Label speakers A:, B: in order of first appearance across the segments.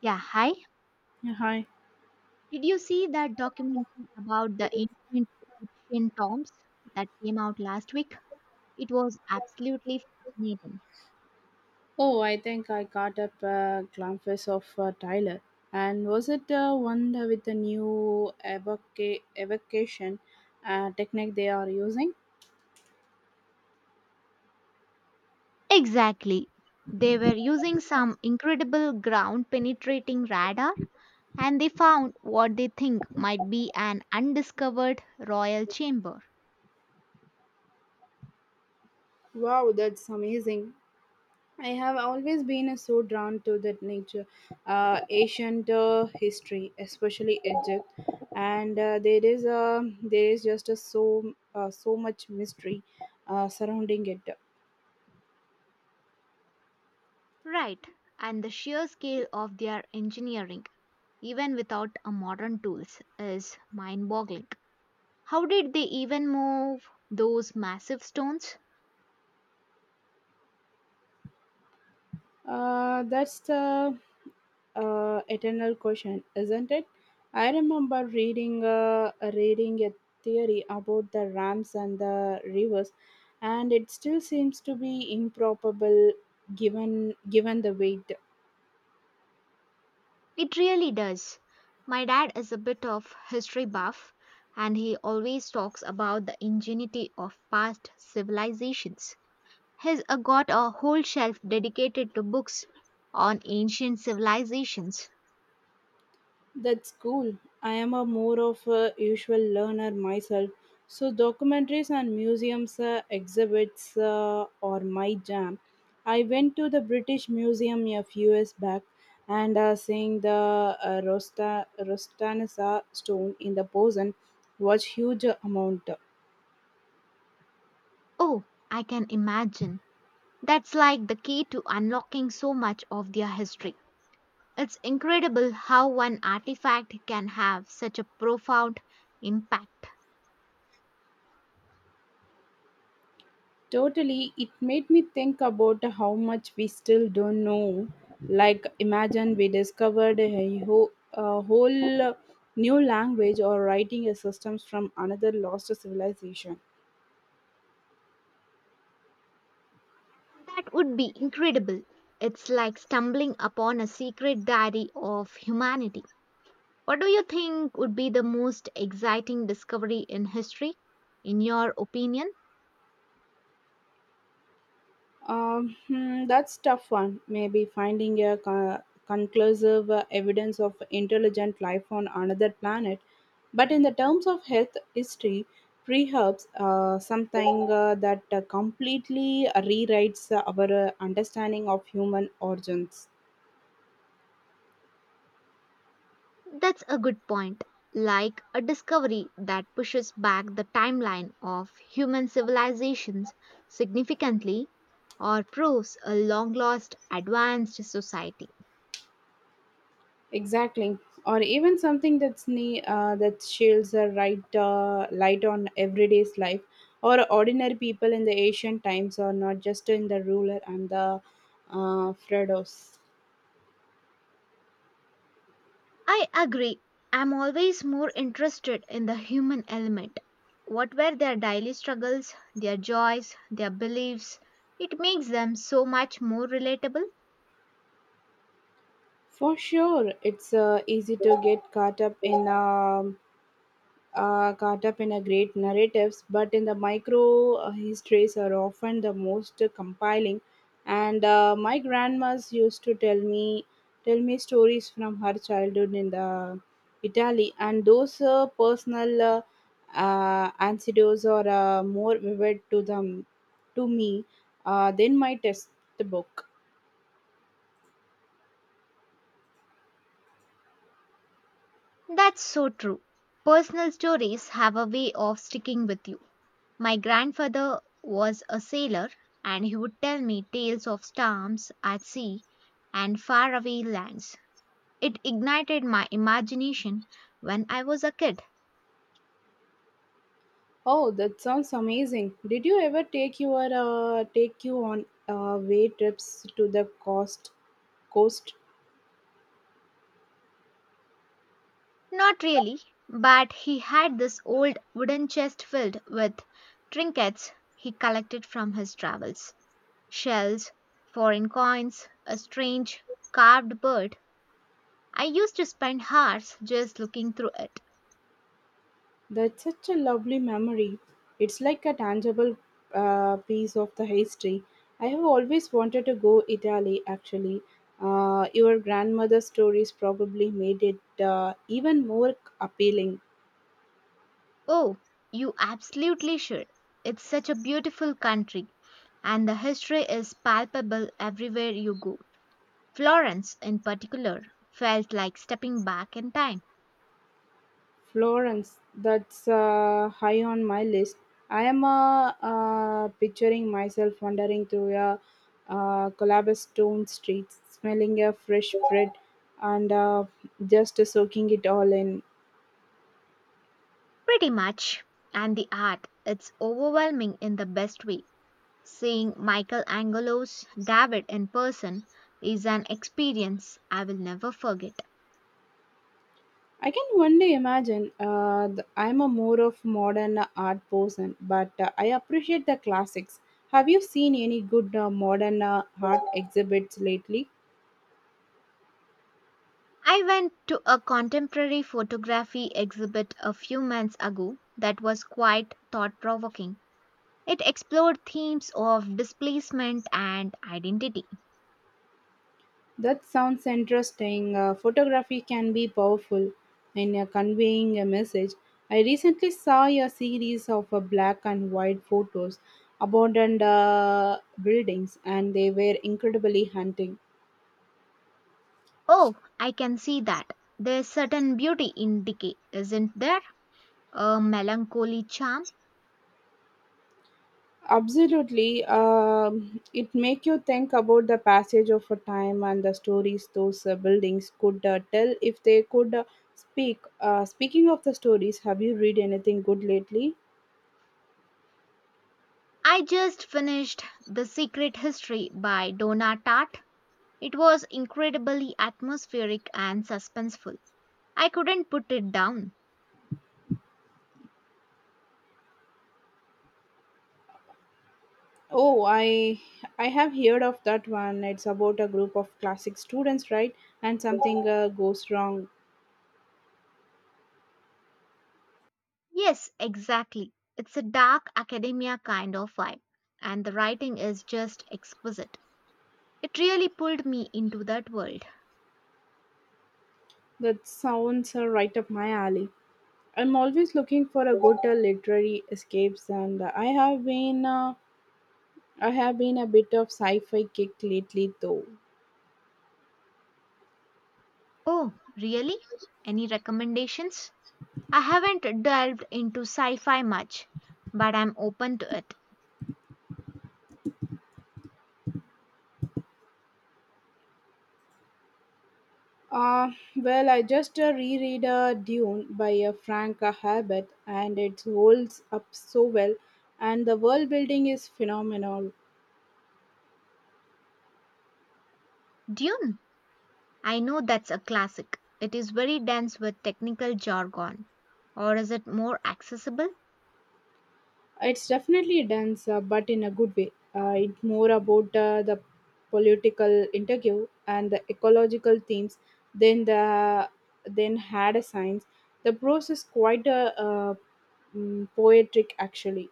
A: Yeah, hi.
B: Yeah, hi.
A: Did you see that documentary about the ancient Egyptian tombs that came out last week? It was absolutely fascinating.
B: Oh, I think I got up glimpses of Tyler. And was it the one with the new evocation technique they are using?
A: Exactly. They were using some incredible ground penetrating radar, and they found what they think might be an undiscovered royal chamber.
B: Wow, that's amazing. I have always been so drawn to the nature, ancient history, especially Egypt, and there is just a so much mystery surrounding it.
A: Right. And the sheer scale of their engineering, even without a modern tools, is mind boggling. How did they even move those massive stones?
B: That's the eternal question, isn't it? I remember reading a theory about the ramps and the rivers, and it still seems to be improbable given the weight.
A: It really does. My dad is a bit of history buff, and he always talks about the ingenuity of past civilizations. He's got a whole shelf dedicated to books on ancient civilizations.
B: That's cool. I am a more of a usual learner myself. So documentaries and museums exhibits are my jam. I went to the British Museum a few years back and seeing the Rostanessa stone in the Posen was huge amount.
A: Oh, I can imagine. That's like the key to unlocking so much of their history. It's incredible how one artifact can have such a profound impact.
B: Totally, it made me think about how much we still don't know. Like, imagine we discovered a whole new language or writing a systems from another lost civilization.
A: That would be incredible. It's like stumbling upon a secret diary of humanity. What do you think would be the most exciting discovery in history, in your opinion?
B: That's tough one. Maybe finding a conclusive evidence of intelligent life on another planet. But in the terms of health history, preherbs, something that completely rewrites our understanding of human origins.
A: That's a good point. Like a discovery that pushes back the timeline of human civilizations significantly, or proves a long lost advanced society.
B: Exactly, or even something that sheds a right light on everyday's life or ordinary people in the ancient times, or not just in the ruler and the Fredos.
A: I agree. I'm always more interested in the human element. What were their daily struggles, their joys, their beliefs? It makes them so much more relatable.
B: For sure, it's easy to get caught up in. Caught up in a great narratives, but in the micro histories are often the most compiling. And my grandma's used to tell me stories from her childhood in the Italy, and those personal anecdotes are more vivid to them to me than my textbook.
A: That's so true. Personal stories have a way of sticking with you. My grandfather was a sailor, and he would tell me tales of storms at sea and faraway lands. It ignited my imagination when I was a kid.
B: Oh, that sounds amazing! Did you ever take your take you on way trips to the coast?
A: Not really, but he had this old wooden chest filled with trinkets he collected from his travels: shells, foreign coins, a strange carved bird. I used to spend hours just looking through it.
B: That's such a lovely memory. It's like a tangible piece of the history. I have always wanted to go Italy. Actually, your grandmother's stories probably made it even more appealing.
A: Oh, you absolutely should. It's such a beautiful country, and the history is palpable everywhere you go. Florence, in particular, felt like stepping back in time.
B: Florence, that's high on my list. I am picturing myself wandering through a cobblestone stone streets, smelling a fresh bread and just soaking it all in.
A: Pretty much. And the art, it's overwhelming in the best way. Seeing Michelangelo's David in person is an experience I will never forget.
B: I can one day imagine I'm a more of modern art person, but I appreciate the classics. Have you seen any good modern art exhibits lately?
A: I went to a contemporary photography exhibit a few months ago that was quite thought provoking. It explored themes of displacement and identity.
B: That sounds interesting. Photography can be powerful in conveying a message. I recently saw a series of black and white photos abandoned buildings, and they were incredibly hunting.
A: Oh, I can see that. There's certain beauty in decay, isn't there? A melancholy charm.
B: Absolutely, it make you think about the passage of a time and the stories those buildings could tell if they could speak. Speaking of the stories, have you read anything good lately?
A: I just finished The Secret History by Donna Tartt. It was incredibly atmospheric and suspenseful. I couldn't put it down.
B: Oh, I have heard of that one. It's about a group of classic students, right? And something goes wrong.
A: Yes, exactly. It's a dark academia kind of vibe, and the writing is just exquisite. It really pulled me into that world.
B: That sounds right up my alley. I'm always looking for a good literary escapes, and I have been a bit of sci-fi kick lately though.
A: Oh, really? Any recommendations? I haven't delved into sci fi much, but I'm open to it.
B: Uh, well, I just reread Dune by Frank Herbert and it holds up so well and the world building is phenomenal.
A: Dune? I know that's a classic. It is very dense with technical jargon. Or is it more accessible?
B: It's definitely dense but in a good way. It's more about the political interview and the ecological themes than the than had a science. The prose is quite poetic actually.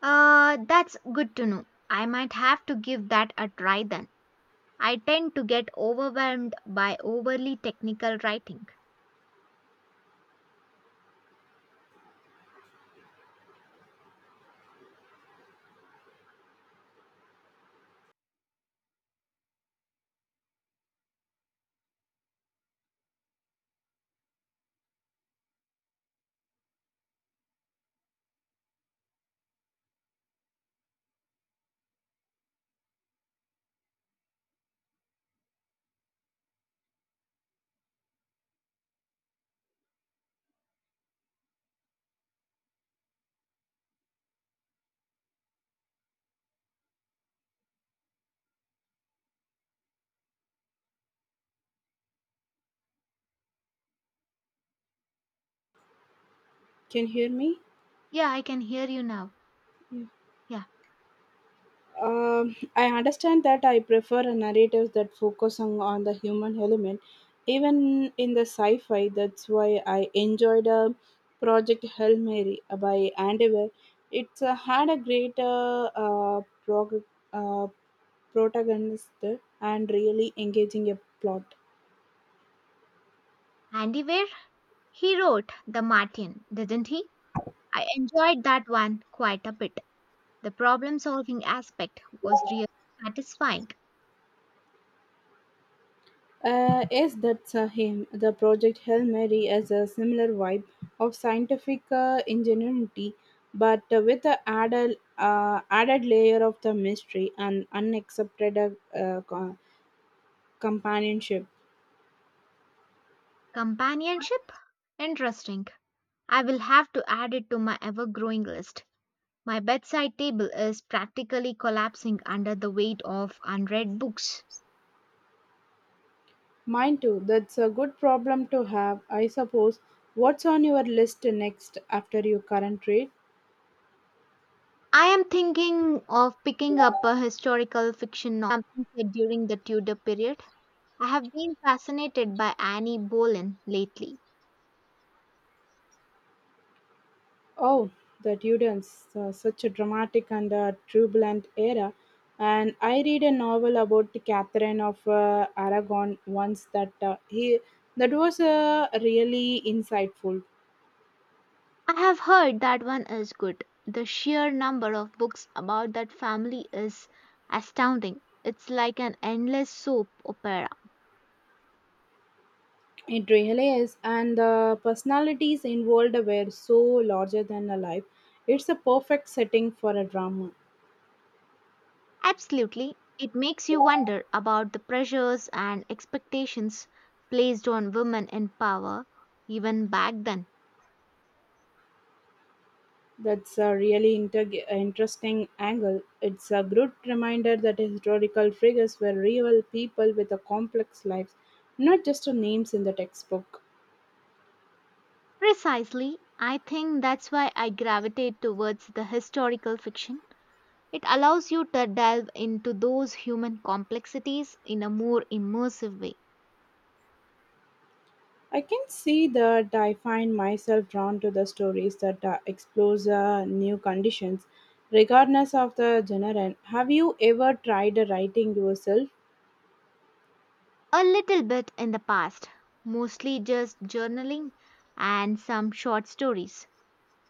A: That's good to know. I might have to give that a try then. I tend to get overwhelmed by overly technical writing.
B: Can you hear me?
A: Yeah, I can hear you now.
B: Yeah.
A: Yeah.
B: I understand that I prefer narratives that focus on the human element, even in the sci fi. That's why I enjoyed Project Hail Mary by Andy Weir. It's had a great uh, protagonist and really engaging a plot.
A: Andy Weir? He wrote The Martian, didn't he? I enjoyed that one quite a bit. The problem solving aspect was really satisfying.
B: Yes, that's him. The Project Hail Mary has a similar vibe of scientific ingenuity, but with the added layer of the mystery and unaccepted uh, co- companionship.
A: Companionship? Interesting. I will have to add it to my ever growing list. My bedside table is practically collapsing under the weight of unread books.
B: Mine too, that's a good problem to have, I suppose. What's on your list next after your current read?
A: I am thinking of picking up a historical fiction novel, something set during the Tudor period. I have been fascinated by Annie Boleyn lately.
B: Oh, the Tudors, such a dramatic and turbulent era. And I read a novel about Catherine of Aragon once that was really insightful.
A: I have heard that one is good. The sheer number of books about that family is astounding. It's like an endless soap opera.
B: It really is, and the personalities involved were so larger than a life. It's a perfect setting for a drama.
A: Absolutely. It makes you wonder about the pressures and expectations placed on women in power, even back then.
B: That's a really interesting angle. It's a good reminder that historical figures were real people with a complex lives, not just the names in the textbook.
A: Precisely, I think that's why I gravitate towards the historical fiction. It allows you to delve into those human complexities in a more immersive way.
B: I can see that I find myself drawn to the stories that explores new conditions, regardless of the genre. Have you ever tried writing yourself?
A: A little bit in the past, mostly just journaling and some short stories.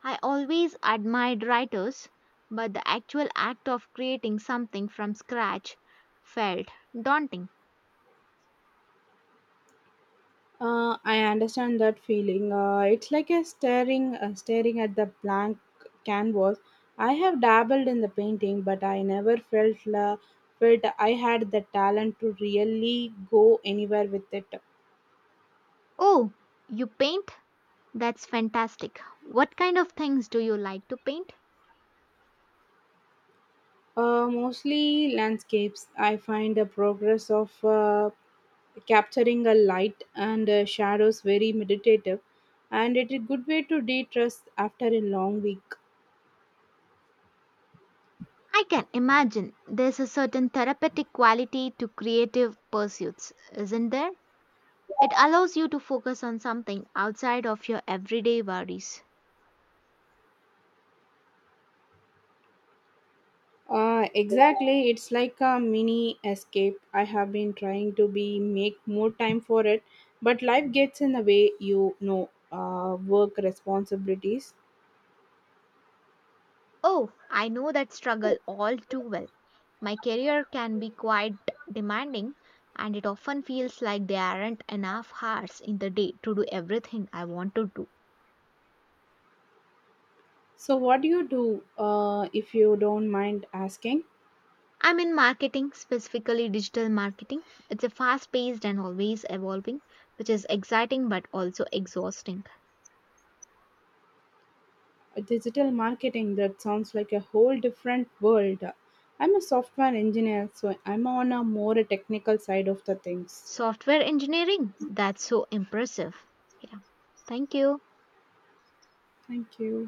A: I always admired writers, but the actual act of creating something from scratch felt daunting.
B: I understand that feeling. It's like a staring at the blank canvas. I have dabbled in the painting, but I never felt I had the talent to really go anywhere with it.
A: Oh, you paint? That's fantastic. What kind of things do you like to paint?
B: Mostly landscapes. I find the progress of capturing a light and shadows very meditative, and it is a good way to de-stress after a long week.
A: I can imagine there's a certain therapeutic quality to creative pursuits, isn't there? It allows you to focus on something outside of your everyday worries.
B: Exactly, it's like a mini escape. I have been trying to be make more time for it, but life gets in the way. You know, work responsibilities.
A: Oh, I know that struggle all too well. My career can be quite demanding, and it often feels like there aren't enough hours in the day to do everything I want to do.
B: So, what do you do if you don't mind asking?
A: I'm in marketing, specifically digital marketing. It's a fast paced and always evolving, which is exciting but also exhausting.
B: Digital marketing that sounds like a whole different world. I'm a software engineer, so I'm on a more technical side of the things.
A: Software engineering, that's so impressive. Yeah, thank you.
B: Thank you.